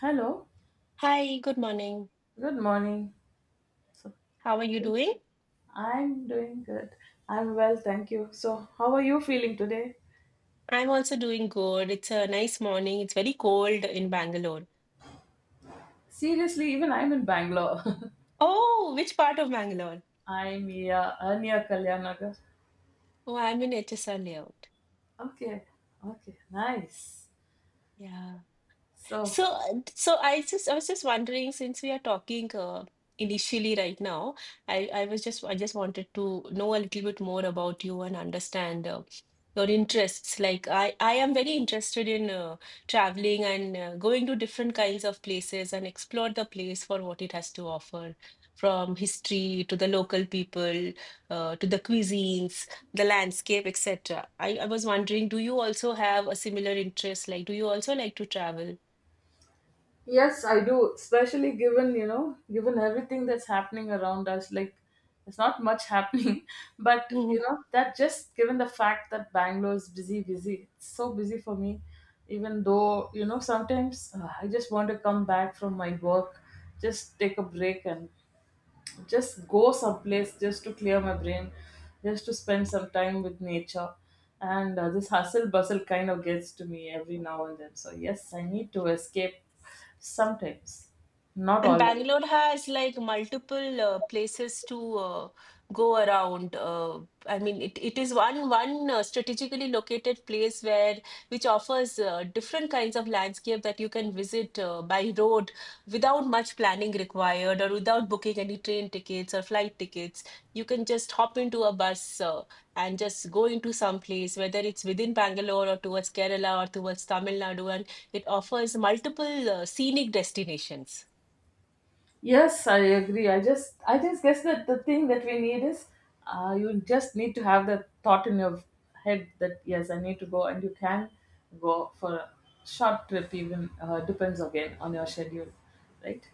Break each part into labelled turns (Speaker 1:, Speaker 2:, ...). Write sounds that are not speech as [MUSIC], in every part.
Speaker 1: Hello,
Speaker 2: Hi, good morning.
Speaker 1: good morning. So,
Speaker 2: How are you doing?
Speaker 1: I'm doing good. I'm well, thank you. So, how are you feeling today?
Speaker 2: I'm also doing good. It's a nice morning. It's very cold in Bangalore.
Speaker 1: Seriously, even I'm in Bangalore.
Speaker 2: Oh, which part of Bangalore?
Speaker 1: [LAUGHS] I'm here, near Kalyanagar.
Speaker 2: Oh, I'm in HSR layout.
Speaker 1: Okay, okay, nice.
Speaker 2: Yeah.
Speaker 1: So,
Speaker 2: So I just I was just wondering since we are talking initially right now, I just wanted to know a little bit more about you and understand your interests. Like I am very interested in traveling and going to different kinds of places and explore the place for what it has to offer, from history to the local people, to the cuisines, the landscape, etc. I was wondering, do you also have a similar interest? Like, do you also like to travel?
Speaker 1: yes, I do. Especially given everything that's happening around us, like there's not much [LAUGHS] happening. But, you know, that just given the fact that Bangalore is busy, busy, it's so busy for me. Even though, you know, sometimes I just want to come back from my work, just take a break and just go someplace just to clear my brain, just to spend some time with nature. And this hustle bustle kind of gets to me every now and then. So, yes, I need to escape sometimes, not
Speaker 2: And
Speaker 1: always.
Speaker 2: Bangalore has like multiple places to go around. I mean, it is one strategically located place where which offers different kinds of landscape that you can visit by road without much planning required or without booking any train tickets or flight tickets. You can just hop into a bus uh, and just go into some place, whether it's within Bangalore or towards Kerala or towards Tamil Nadu, and it offers multiple scenic destinations.
Speaker 1: Yes, I agree. I just guess that the thing that we need is, you just need to have that thought in your head that yes, I need to go, and you can go for a short trip even. Depends again on your schedule, right?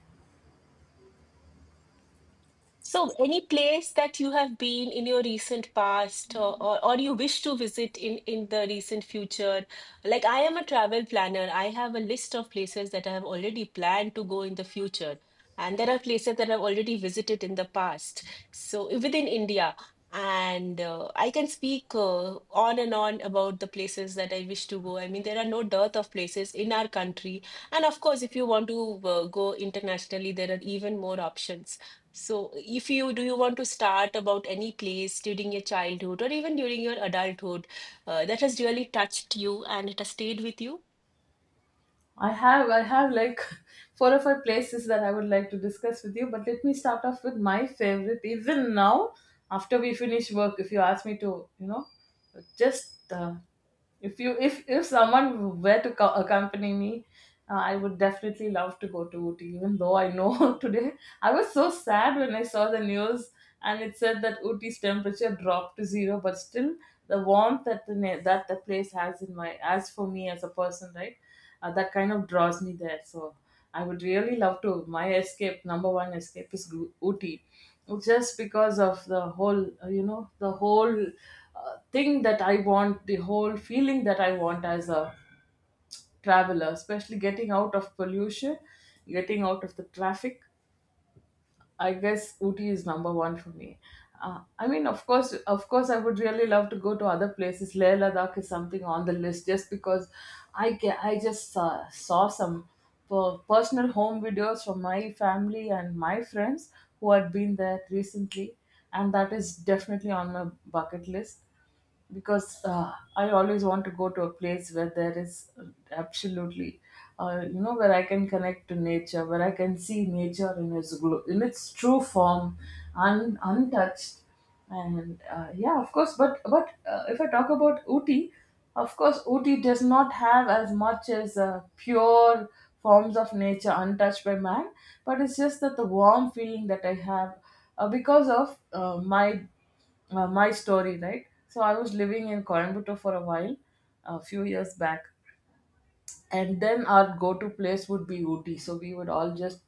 Speaker 2: So, any place that you have been in your recent past, or you wish to visit in the recent future? Like, I am a travel planner. I have a list of places that I have already planned to go in the future. And there are places that I've already visited in the past. So, within India. And I can speak on and on about the places that I wish to go. I mean, there are no dearth of places in our country. And of course, if you want to go internationally, there are even more options. So if you do you want to start about any place during your childhood or even during your adulthood that has really touched you and it has stayed with you?
Speaker 1: I have like [LAUGHS] four or five places that I would like to discuss with you, but let me start off with my favorite. Even now, after we finish work, if you ask me to, you know, just if you if someone were to accompany me, I would definitely love to go to Ooty. Even though I know [LAUGHS] today I was so sad when I saw the news and it said that Ooty's temperature dropped to zero, but still the warmth that that the place has in my as for me as a person, right? That kind of draws me there. So I would really love to. My escape, number one escape, is Ooty, just because of the whole, you know, the whole thing that I want, the whole feeling that I want as a traveler, especially getting out of pollution, getting out of the traffic. I guess Ooty is number one for me. I mean, of course, I would really love to go to other places. Leh Ladakh is something on the list just because I just saw some personal home videos from my family and my friends who had been there recently, and that is definitely on my bucket list because I always want to go to a place where there is absolutely, you know, where I can connect to nature, where I can see nature in in its true form, untouched, and yeah, of course. But if I talk about Uti, of course, Uti does not have as much as pure forms of nature untouched by man, but it's just that the warm feeling that I have because of my my story, right? So I was living in Coimbatore for a while, a few years back, and then our go-to place would be Ooty. So we would all just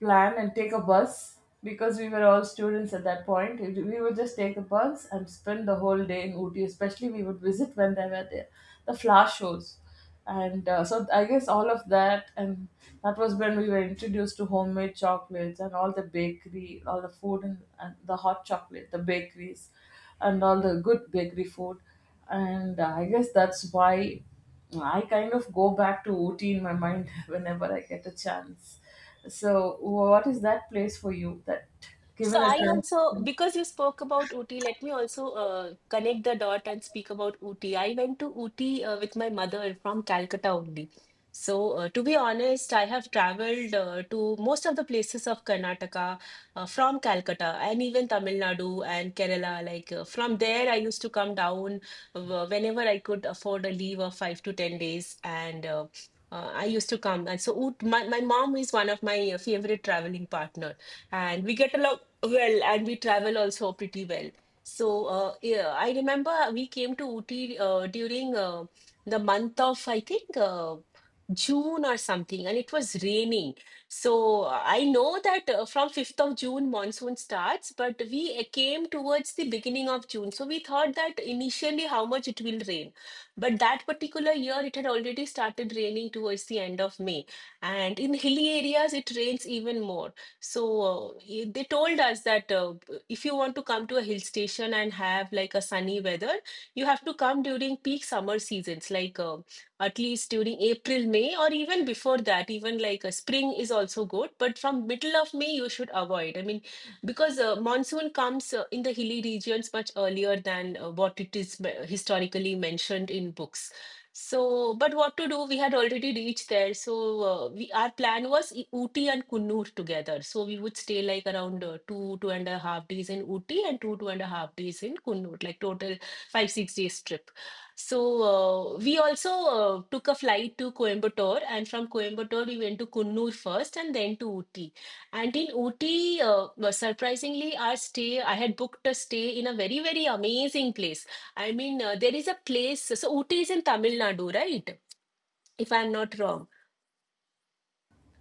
Speaker 1: plan and take a bus because we were all students at that point. We would just take a bus and spend the whole day in Ooty. Especially, we would visit when they were there, the flower shows, and so I guess all of that, and that was when we were introduced to homemade chocolates and all the bakery, all the food and the hot chocolate, the bakeries, and all the good bakery food, and I guess that's why I kind of go back to Ooty in my mind [LAUGHS] whenever I get a chance. So, what is that place for you that
Speaker 2: So
Speaker 1: given a
Speaker 2: I
Speaker 1: chance?
Speaker 2: also, because you spoke about Ooty, let me also connect the dot and speak about Ooty. I went to Ooty with my mother from Calcutta only. So, to be honest, I have traveled to most of the places of Karnataka from Calcutta and even Tamil Nadu and Kerala. Like from there, I used to come down whenever I could afford a leave of 5 to 10 days, and I used to come. And so my mom is one of my favorite traveling partner, and we get along well, and we travel also pretty well. So, yeah, I remember we came to Ooty during the month of, I think, June or something, and it was raining. So, I know that from 5th of June, monsoon starts, but we came towards the beginning of June. So, we thought that initially how much it will rain. But that particular year, it had already started raining towards the end of May. And in hilly areas, it rains even more. So they told us that if you want to come to a hill station and have like a sunny weather, you have to come during peak summer seasons, like at least during April, May, or even before that. Even like spring is also good, but from middle of May you should avoid. I mean, because monsoon comes in the hilly regions much earlier than what it is historically mentioned in books. So, but what to do? We had already reached there. So, we our plan was Ooty and Kunnur together. So we would stay like around 2.5 days in Ooty and 2.5 days in Kunnur, like total 6 days trip. So, we also took a flight to Coimbatore, and from Coimbatore we went to Kunnur first, and then to Ooty. And in Ooty, surprisingly, our stay I had booked a stay in a very, very amazing place. I mean, there is a place. So Ooty is in Tamil Nadu, right? If I'm not wrong.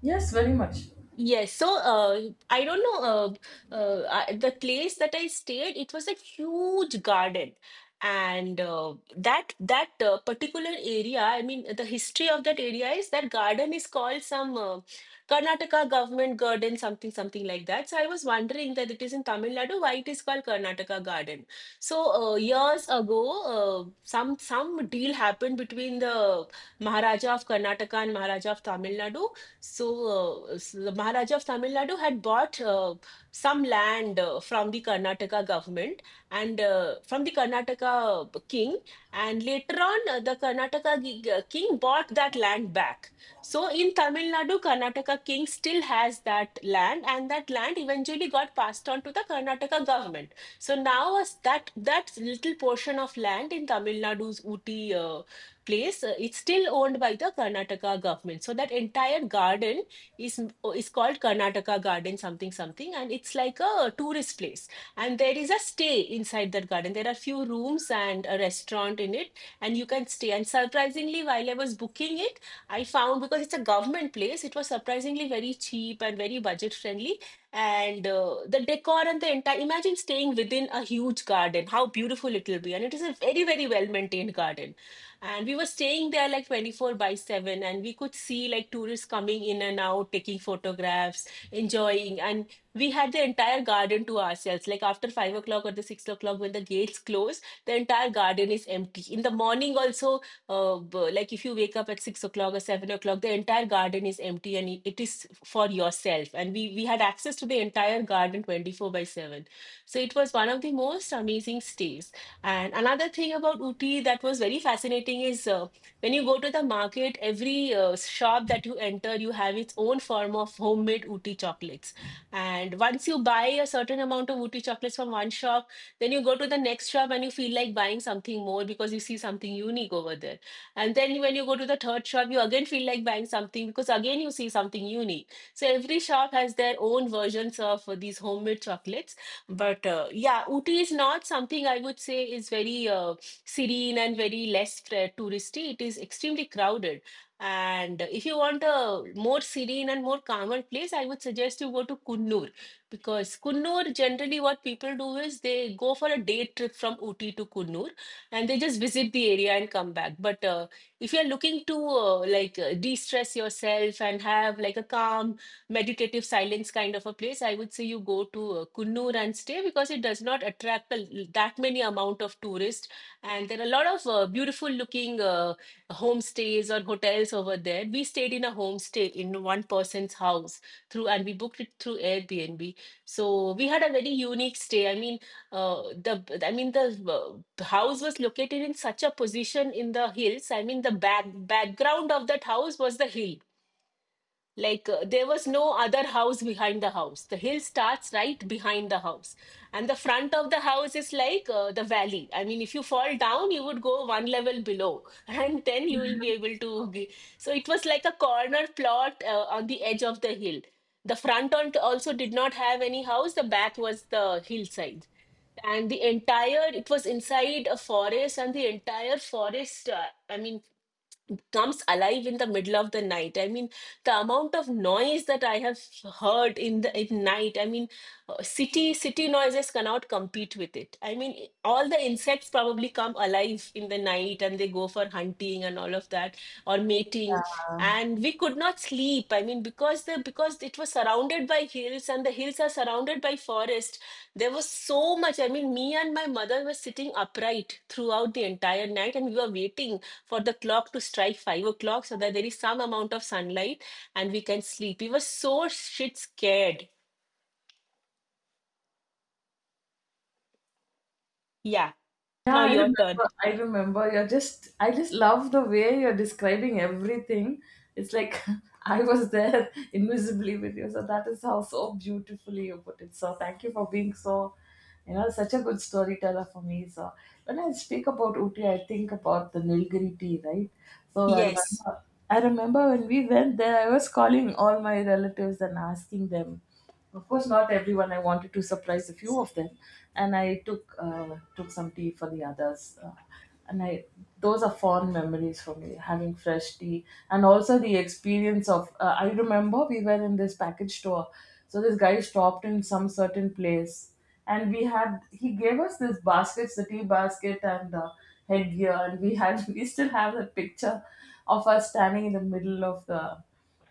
Speaker 1: Yes, very much.
Speaker 2: Yes, so I don't know the place that I stayed. It was a huge garden, and that particular area. I mean, the history of that area is that garden is called some Karnataka government garden, something something like that. So I was wondering that it is in Tamil Nadu, why it is called Karnataka garden. So, years ago, some deal happened between the Maharaja of Karnataka and Maharaja of Tamil Nadu. So, the Maharaja of Tamil Nadu had bought some land from the Karnataka government, and from the Karnataka king. And later on, the Karnataka king bought that land back. So, in Tamil Nadu, Karnataka king still has that land, and that land eventually got passed on to the Karnataka government. So now, as that little portion of land in Tamil Nadu's Uti place, it's still owned by the Karnataka government. So that entire garden is is called Karnataka Garden something something, and it's like a tourist place. And there is a stay inside that garden. There are few rooms and a restaurant in it, and you can stay. And surprisingly, while I was booking it, I found because it's a government place, it was surprisingly very cheap and very budget friendly. And the decor and the entire imagine staying within a huge garden, how beautiful it will be. And it is a very, very well maintained garden, and we were staying there like 24 by 7, and we could see like tourists coming in and out, taking photographs, enjoying. And we had the entire garden to ourselves. Like after 5 o'clock or the 6 o'clock, when the gates close, the entire garden is empty. In the morning, also, like if you wake up at 6 o'clock or 7 o'clock, the entire garden is empty and it is for yourself. And we had access to the entire garden 24 by 7. So it was one of the most amazing stays. And another thing about Uti that was very fascinating is when you go to the market, every shop that you enter, you have its own form of homemade Uti chocolates. And once you buy a certain amount of Uti chocolates from one shop, then you go to the next shop and you feel like buying something more because you see something unique over there. And then when you go to the third shop, you again feel like buying something because again you see something unique. So every shop has their own versions of these homemade chocolates, but yeah, Ooty is not something I would say is very serene and very less touristy. It is extremely crowded. And if you want a more serene and more calmer place, I would suggest you go to Kunnur, because Kunnur generally what people do is they go for a day trip from Ooty to Kunnur and they just visit the area and come back. But if you're looking to like de-stress yourself and have like a calm meditative silence kind of a place, I would say you go to Kunnur and stay because it does not attract that many amount of tourists. And there are a lot of beautiful looking homestays or hotels over there. We stayed in a homestay in one person's house through, and we booked it through Airbnb. So we had a very unique stay. I mean, uh, the house was located in such a position in the hills. I mean, the background of that house was the hill. Like there was no other house behind the house. The hill starts right behind the house, and the front of the house is like the valley. I mean, if you fall down, you would go one level below, [LAUGHS] and then you will be able to. So it was like a corner plot on the edge of the hill. The front on also did not have any house. The back was the hillside, and the entire it was inside a forest, and the entire forest, I mean, comes alive in the middle of the night. I mean, the amount of noise that I have heard in the in night. I mean, city noises cannot compete with it. I mean, all the insects probably come alive in the night and they go for hunting and all of that, or mating. And we could not sleep. I mean, because it was surrounded by hills and the hills are surrounded by forest. There was so much. I mean, me and my mother were sitting upright throughout the entire night and we were waiting for the clock to strike 5 o'clock so that there is some amount of sunlight and we can sleep. We were so shit scared. Yeah.
Speaker 1: Yeah,
Speaker 2: Now
Speaker 1: I
Speaker 2: your turn.
Speaker 1: remember. I remember. I just love the way you're describing everything. It's like [LAUGHS] I was there [LAUGHS] invisibly with you. So that is how so beautifully you put it. So thank you for being so, you know, such a good storyteller for me. So when I speak about Uti, I think about the Nilgiri tea, right? So
Speaker 2: Yes.
Speaker 1: I remember when we went there, I was calling all my relatives and asking them. Of course, not everyone. I wanted to surprise a few of them, and I took some tea for the others. And I, those are fond memories for me, having fresh tea, and also the experience of. I remember we were in this package store, so this guy stopped in some certain place, and we had he gave us this baskets, the tea basket and headgear, and we had [LAUGHS] we still have the picture of us standing in the middle of the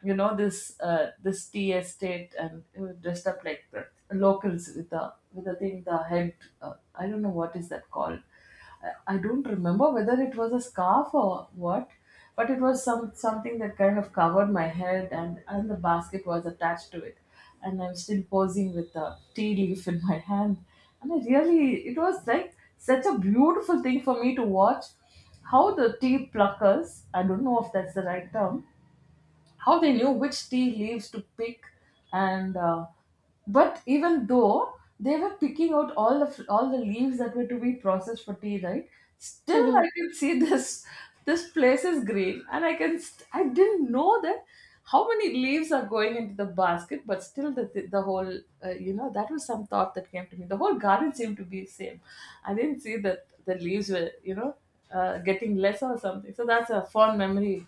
Speaker 1: you know this this tea estate and, you know, dressed up like the locals with the thing, the head. I don't know what is that called. I don't remember whether it was a scarf or what, but it was some something that kind of covered my head, and the basket was attached to it, and I'm still posing with the tea leaf in my hand. And I really, it was like such a beautiful thing for me to watch how the tea pluckers, I don't know if that's the right term, how they knew which tea leaves to pick. And but even though they were picking out all the leaves that were to be processed for tea, right? Still, I
Speaker 2: [LAUGHS]
Speaker 1: can [LAUGHS] see this, this place is green, and I didn't know that how many leaves are going into the basket, but still the whole, you know, that was some thought that came to me, the whole garden seemed to be same. I didn't see that the leaves were, you know, getting less or something. So that's a fond memory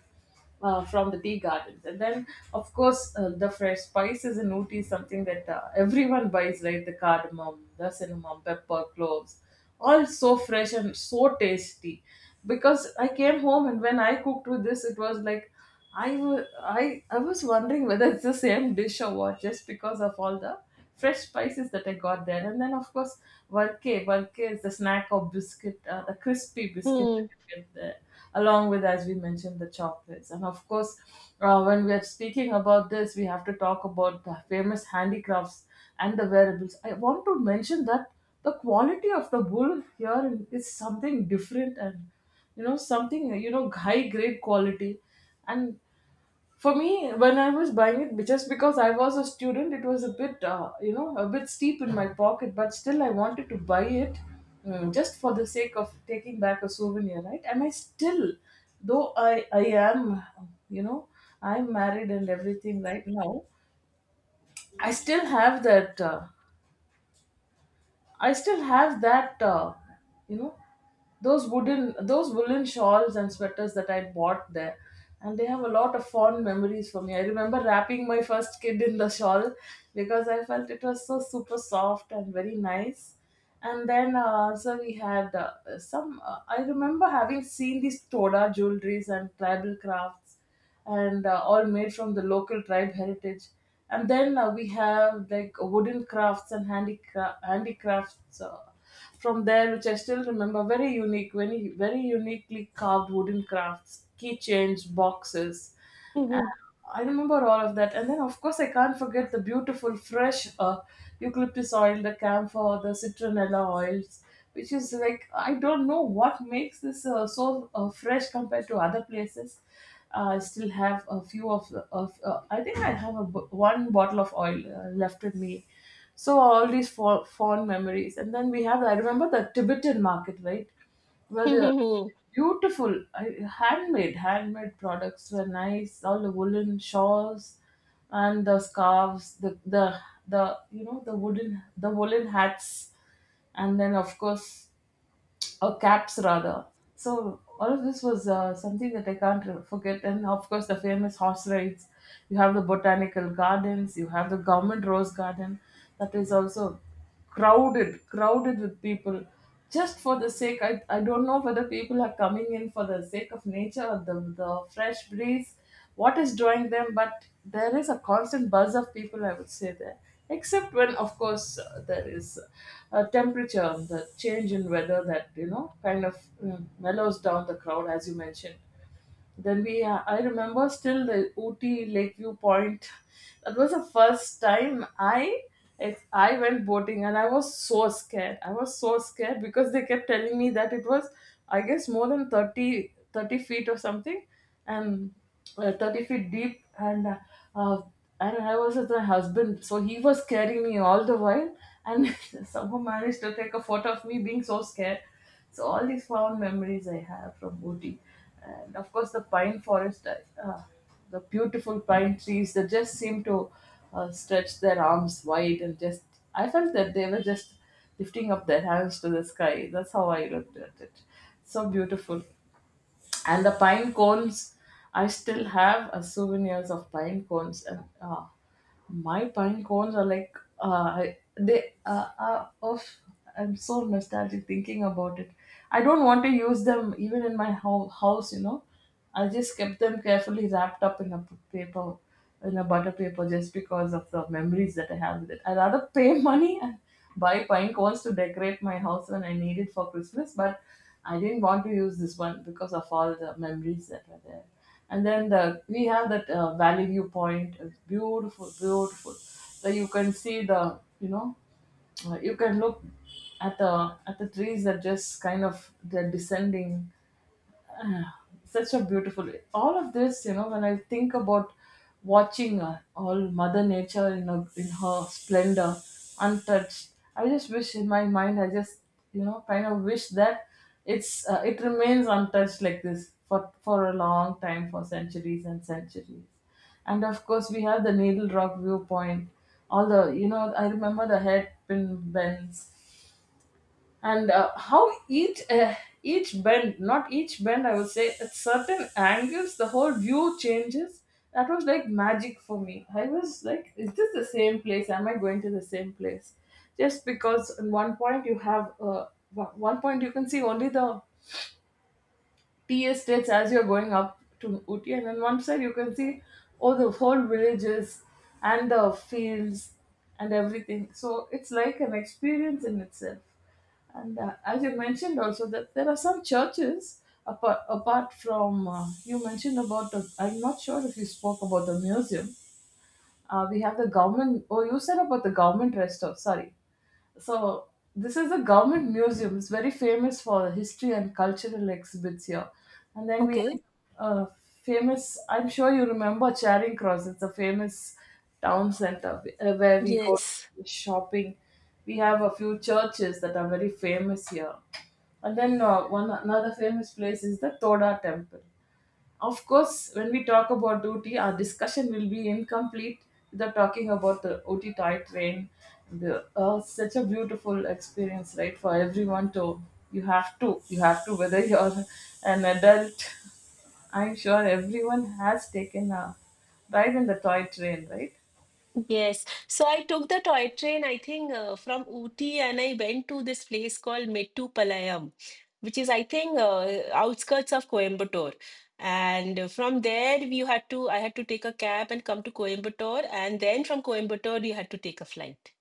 Speaker 1: from the tea gardens. And then, of course, the fresh spices in Ooty is something that everyone buys, right? The cardamom, the cinnamon, pepper, cloves, all so fresh and so tasty. Because I came home, and when I cooked with this, it was like I wa- I I was wondering whether it's the same dish or what, just because of all the fresh spices that I got there. And then, of course, varke. Varke is the snack or biscuit, the crispy biscuit
Speaker 2: Hmm,
Speaker 1: that you get there, along with, as we mentioned, the chocolates. And of course, when we are speaking about this, we have to talk about the famous handicrafts and the wearables. I want to mention that the quality of the wool here is something different and, you know, something, you know, high grade quality. And for me, when I was buying it, but just because I was a student, it was a bit, you know, a bit steep in my pocket, but still I wanted to buy it, mm, just for the sake of taking back a souvenir, right? And I still, though I am you know, I'm married and everything right now, i still have that uh, I still have that, you know, those wooden, those woolen shawls and sweaters that I bought there, and they have a lot of fond memories for me. I remember wrapping my first kid in the shawl because I felt it was so super soft and very nice. And then so we had some. I remember having seen these Toda jewelries and tribal crafts and, all made from the local tribe heritage. And then we have like wooden crafts and handicrafts from there, which I still remember, very unique, very, very uniquely carved wooden crafts, keychains, boxes.
Speaker 2: hmm,
Speaker 1: Uh,
Speaker 2: hmm,
Speaker 1: I remember all of that. And then, of course, I can't forget the beautiful, fresh eucalyptus oil, the camphor, the citronella oils, which is like, I don't know what makes this so fresh compared to other places. I still have a few of, I think I have a, one bottle of oil left with me. So all these fond memories. And then we have, I remember the Tibetan market, right? Where
Speaker 2: hmm,
Speaker 1: the
Speaker 2: hmm.
Speaker 1: beautiful, handmade, handmade products were nice. All the woolen shawls and the scarves, the you know, the wooden, the woolen hats, and then of course, or caps rather. So all of this was something that I can't forget. And of course, the famous horse rides. You have the botanical gardens. You have the government rose garden, that is also crowded, crowded with people. Just for the sake, I don't know whether people are coming in for the sake of nature or the fresh breeze, what is drawing them, but there is a constant buzz of people, I would say there, except when of course there is a temperature the change in weather that kind of mellows down the crowd, as you mentioned. Then I remember still the Ooty Lakeview Point. That was the first time if I went boating, and I was so scared. I was so scared because they kept telling me that it was, I guess, more than thirty feet or something, and 30 feet deep. Uh, and I was with my husband, so he was carrying me all the while, and [LAUGHS] somehow managed to take a photo of me being so scared. So all these fond memories I have from Ooty. And of course the pine forest, uh, the beautiful pine trees that just seem to stretch their arms wide. And just, I felt that they were just lifting up their hands to the sky. That's how I looked at it. So beautiful. And the pine cones, I still have souvenirs of pine cones, and my pine cones are like, I- they are of I'm so nostalgic thinking about it. I don't want to use them even in my house. I just kept them carefully wrapped up in a paper, in a butter paper, just because of the memories that I have with it. I rather pay [LAUGHS] money and buy pine cones to decorate my house when I need it for Christmas, but I didn't want to use this one because of all the memories that were there. And then the we have that Valley View Point. It's beautiful, beautiful. So you can see the you know you can look at the trees that just kind of they're descending. [SIGHS] Ah, such a beautiful, all of this, when I think about watching all mother nature in her splendor, untouched. I just wish in my mind, I just kind of wish that it remains untouched like this for a long time, for centuries and centuries. And of course we have the needle rock viewpoint. All the you know I remember the head pin bends, and how each bend, not each bend, I would say at certain angles the whole view changes. That was like magic for me. I was like, is this the same place? Am I going to the same place? Just because at one point you have one point you can see only the tea estates as you're going up to Ooty, and on one side you can see all the whole villages and the fields and everything. So it's like an experience in itself. And as you mentioned also, that there are some churches, apart from you mentioned about the I'm not sure if you spoke about the museum. We have the government. Oh, you said about the government restaurant. Sorry, so this is a government museum. It's very famous for history and cultural exhibits here. And then we
Speaker 2: Okay.
Speaker 1: have a famous. I'm sure you remember Charing Cross. It's a famous town center where we go
Speaker 2: Yes.
Speaker 1: shopping. We have a few churches that are very famous here. And then one another famous place is the Toda Temple. Of course, when we talk about OT, our discussion will be incomplete without talking about the OT toy train. The, such a beautiful experience, right, for everyone to. You have to, whether [LAUGHS] you're an adult. I'm sure everyone has taken a ride in the toy train, right?
Speaker 2: Yes. So I took the toy train, I think, from Ooty and I went to this place called Metupalayam, which is, I think, outskirts of Coimbatore. And from there, I had to take a cab and come to Coimbatore. And then from Coimbatore, we had to take a flight.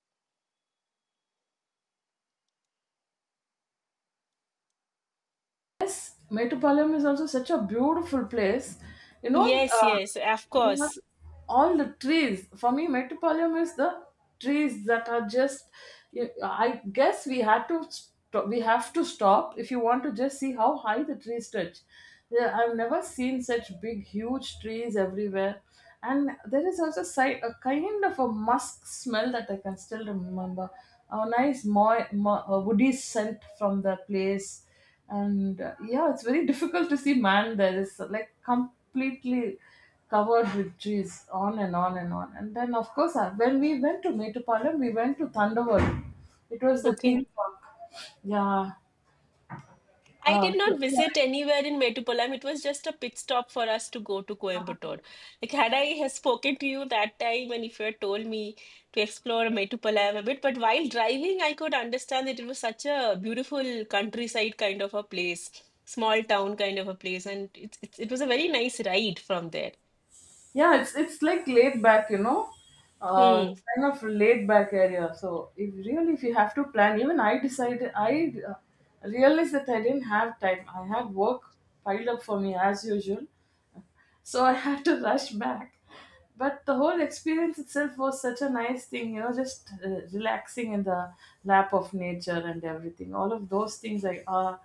Speaker 1: Yes, Metropolium is also such a beautiful place. You know,
Speaker 2: Yes, yes, of
Speaker 1: you have
Speaker 2: course.
Speaker 1: all the trees. For me, Metropolium is the trees that are just. I guess we have to stop if you want to just see how high the trees touch. Yeah, I've never seen such big, huge trees everywhere, and there is also a kind of a musk smell that I can still remember. A nice woody scent from the place, and yeah, it's very difficult to see man. There is like completely covered with trees, on and on and on. And then, of course, when we went to Metupalam, we went to Thunderworld. It was the
Speaker 2: Okay.
Speaker 1: theme park. Yeah.
Speaker 2: I did not
Speaker 1: Sorry.
Speaker 2: visit anywhere in Metupalam. It was just a pit stop for us to go to Coimbatore. Like, had I [LAUGHS] have spoken to you that time, and if you had told me to explore Metupalam a bit, but while driving, I could understand that it was such a beautiful countryside kind of a place, small town kind of a place, and it was a very nice ride from there.
Speaker 1: Yeah, it's like laid back, uh,
Speaker 2: Hmm.
Speaker 1: kind of laid back area. So if really if you have to plan, even I decided, I realized that I didn't have time. I had work piled up for me as usual, so I had to rush back. But the whole experience itself was such a nice thing, you know, just relaxing in the lap of nature and everything. All of those things are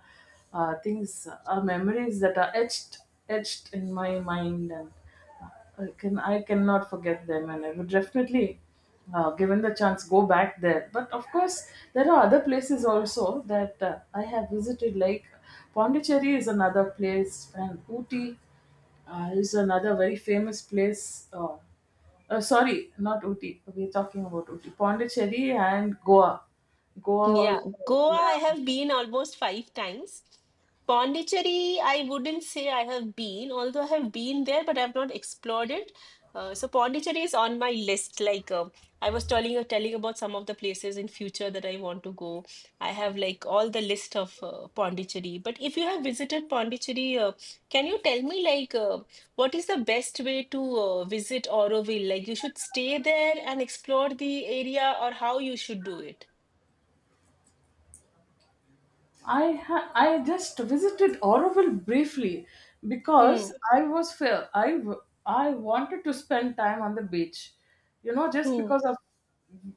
Speaker 1: things are memories that are etched in my mind, and I cannot forget them. And I would definitely, given the chance, go back there. But of course, there are other places also that I have visited. Like Pondicherry is another place, and Ooty is another very famous place. Sorry, not Ooty. We're talking about Ooty, Pondicherry, and Goa. Goa,
Speaker 2: Yeah,
Speaker 1: also,
Speaker 2: Goa, I
Speaker 1: yeah.
Speaker 2: have been almost five times. Pondicherry, I wouldn't say I have been, although I have been there, but I've not explored it. So Pondicherry is on my list. Like I was telling you, telling about some of the places in future that I want to go. I have like all the list of Pondicherry. But if you have visited Pondicherry, can you tell me like what is the best way to visit Auroville? Like you should stay there and explore the area, or how you should do it?
Speaker 1: I just visited Oroville briefly because I was fair. I wanted to spend time on the beach, you know, just
Speaker 2: Hmm,
Speaker 1: because of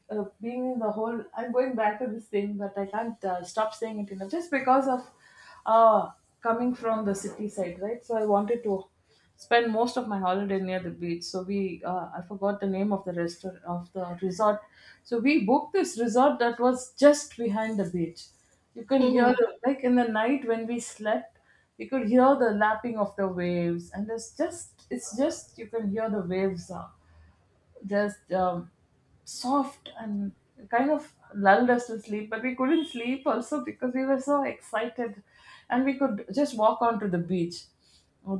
Speaker 1: being in the whole. I'm going back to this thing, but I can't stop saying it enough. Just because of uh, coming from the city side, right? So I wanted to spent most of my holiday near the beach. So I forgot the name of the restaurant of the resort. So we booked this resort that was just behind the beach. You can hear
Speaker 2: mhm,
Speaker 1: the, like in the night when we slept, we could hear the lapping of the waves, and it's just you can hear the waves just soft and kind of lulled us to sleep, but we couldn't sleep also because we were so excited, and we could just walk onto the beach.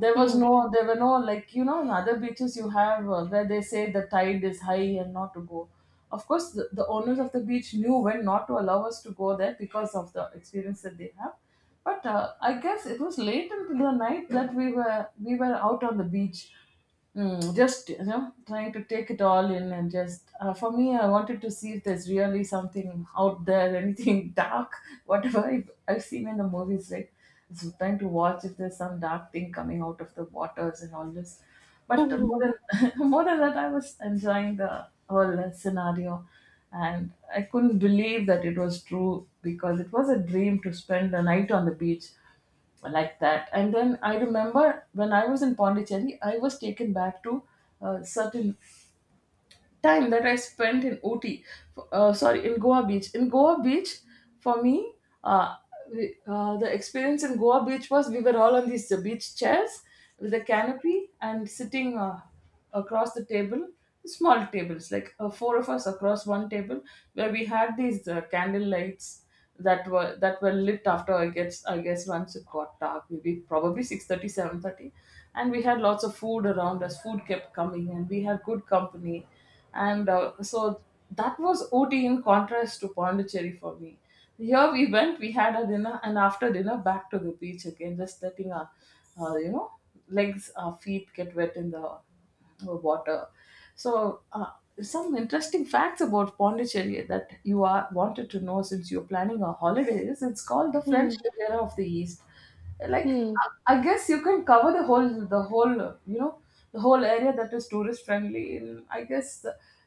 Speaker 1: There was
Speaker 2: hmm,
Speaker 1: no, there were no like you know in other beaches you have where they say the tide is high and not to go. Of course, the owners of the beach knew when not to allow us to go there because of the experience that they have. But I guess it was late into the night that we were out on the beach. Just trying to take it all in, and just for me, I wanted to see if there's really something out there, anything [LAUGHS] dark, whatever I've seen in the movies, right. So trying to watch if there's some dark thing coming out of the waters and all this. But more
Speaker 2: mhm,
Speaker 1: than [LAUGHS] more than that, I was enjoying the whole scenario, and I couldn't believe that it was true because it was a dream to spend the night on the beach like that. And then I remember when I was in Pondicherry, I was taken back to certain time that I spent in Ooty, sorry, in Goa Beach. In Goa Beach, for me, uh, the experience in Goa Beach was we were all on these beach chairs with a canopy and sitting across the table, small tables, like four of us across one table, where we had these candle lights that were lit after I guess once it got dark, maybe probably 6:30, 7:30, and we had lots of food around us. Food kept coming, and we had good company, and so that was Ooty in contrast to Pondicherry for me. Here we went, we had a dinner, and after dinner back to the beach again, just letting our, uh, you know, legs, our feet get wet in the water. So some interesting facts about Pondicherry that you are wanted to know, since you're planning a holiday, is it's called the
Speaker 2: hmm,
Speaker 1: French Riviera of the East. Like
Speaker 2: hmm.
Speaker 1: I guess you can cover the whole area that is tourist friendly in, I guess,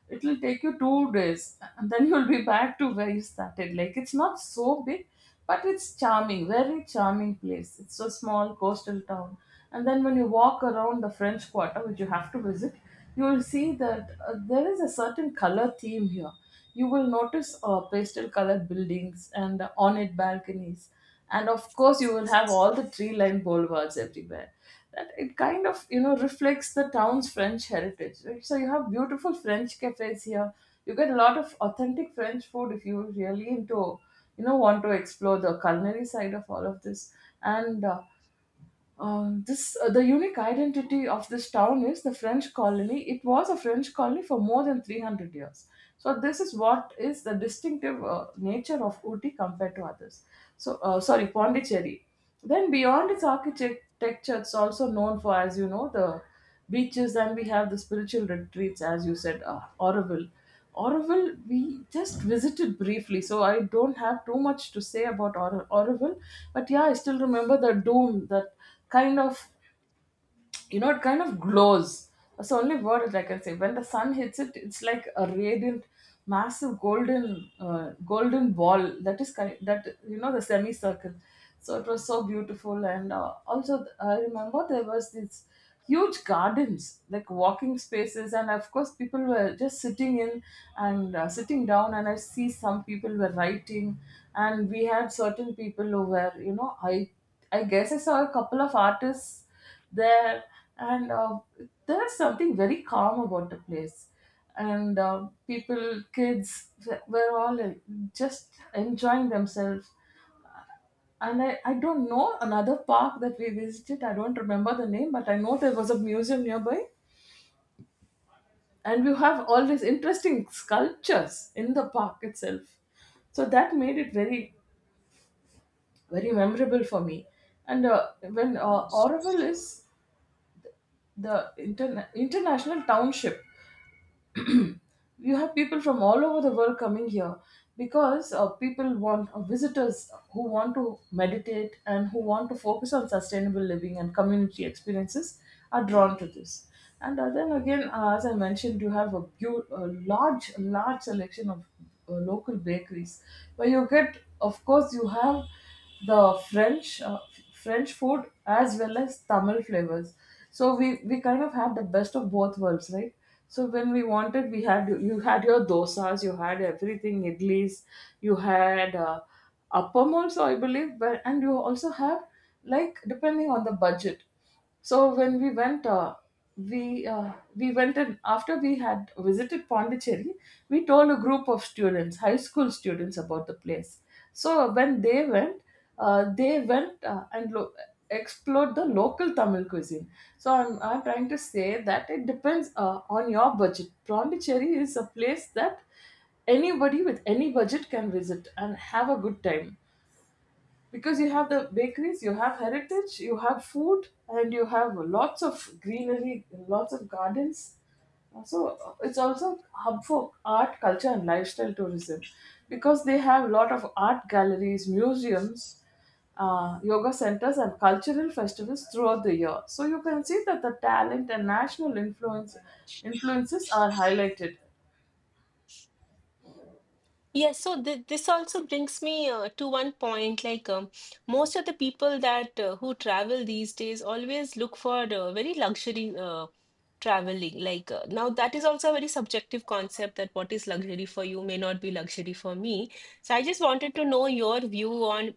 Speaker 1: it will take you 2 days, and then [LAUGHS] you'll be back to where you started. Like it's not so big, but it's charming, very charming place. It's a small coastal town. And then when you walk around the French Quarter, which you have to visit, you will see that there is a certain color theme here. You will notice pastel colored buildings and ornate balconies. And of course, you will have all the tree lined boulevards everywhere, that it kind of reflects the town's French heritage, right? So you have beautiful French cafes here. You get a lot of authentic French food if you really into want to explore the culinary side of all of this. And this The unique identity of this town is the French colony. It was a French colony for more than 300 years. So this is what is the distinctive nature of Ooty compared to others. Sorry, Pondicherry. Then beyond its architecture, it's also known for, as you know, the beaches. And we have the spiritual retreats, as you said, Oroville. Oroville, we just visited briefly, so I don't have too much to say about Oroville. But yeah, I still remember the doom, that kind of, you know, it kind of glows. That's the only word that I can say. When the sun hits it, it's like a radiant massive golden golden ball that is kind that you know the semicircle. So it was so beautiful, and also I remember there was this huge gardens like walking spaces, and of course people were just sitting in and sitting down, and I see some people were writing. And we had certain people who were, you know, I guess I saw a couple of artists there. And There's something very calm about the place. And people, kids were all just enjoying themselves. And I don't know, another park that we visited, I don't remember the name, but I know there was a museum nearby, and you have all these interesting sculptures in the park itself. So that made it very very memorable for me. And When Oroville is the international township, you have people from all over the world coming here because people want, visitors who want to meditate and who want to focus on sustainable living and community experiences are drawn to this. And then again, as I mentioned, you have a large selection of local bakeries where you get, of course, you have the French French food as well as Tamil flavors. So we kind of had the best of both worlds, right? So when we wanted, we had you had your dosas, you had everything, idlis, you had appam also, I believe, but and you also have like depending on the budget. So when we went, we went, and after we had visited Pondicherry, we told a group of students, high school students, about the place. So when they went and explored the local Tamil cuisine. So I'm trying to say that it depends on your budget. Pondicherry is a place that anybody with any budget can visit and have a good time because you have the bakeries, you have heritage, you have food, and you have lots of greenery, lots of gardens. So it's also a hub for art, culture, and lifestyle tourism because they have a lot of art galleries, museums, yoga centers, and cultural festivals throughout the year. So you can see that the talent and national influences are highlighted.
Speaker 2: Yes, so th this also brings me to one point. Like most of the people that who travel these days always look for very luxury traveling. Like now, that is also a very subjective concept that what is luxury for you may not be luxury for me. So I just wanted to know your view on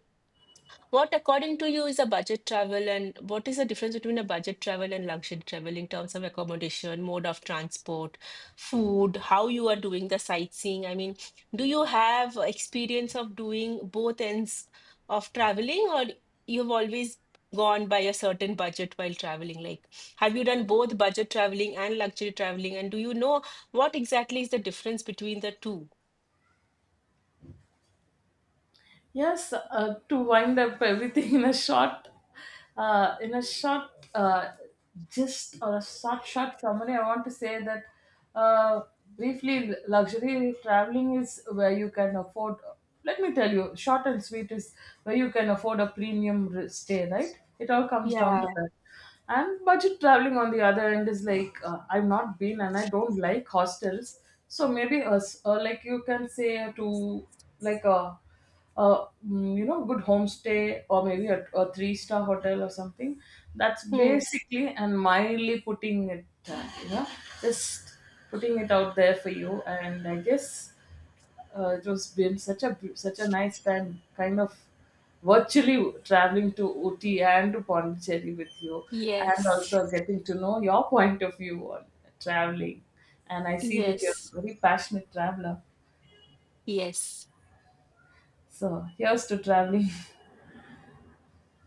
Speaker 2: what, according to you, is a budget travel, and what is the difference between a budget travel and luxury travel in terms of accommodation, mode of transport, food, how you are doing the sightseeing? I mean, do you have experience of doing both ends of traveling, or you've always gone by a certain budget while traveling? Like, have you done both budget traveling and luxury traveling, and do you know what exactly is the difference between the two?
Speaker 1: Yes, to wind up everything in a short, uh, in a short uh, gist or a short summary, I want to say that uh, briefly, luxury traveling is where you can afford. Let me tell you, short and sweet is where you can afford a premium stay. Right? It all comes down to
Speaker 2: Yeah.
Speaker 1: that. And budget traveling on the other end is like, I've not been and I don't like hostels, so maybe us, or like you can say to like a you know, good homestay, or maybe a three-star hotel or something. That's
Speaker 2: Hmm.
Speaker 1: basically and mildly putting it, you know, just putting it out there for you. And I guess it was been such a nice time, kind of virtually traveling to Uti and to Pondicherry with you, and
Speaker 2: Yes.
Speaker 1: also getting to know your point of view on traveling. And I see that you're
Speaker 2: Yes.
Speaker 1: a very passionate traveler.
Speaker 2: Yes.
Speaker 1: So here's to traveling. [LAUGHS]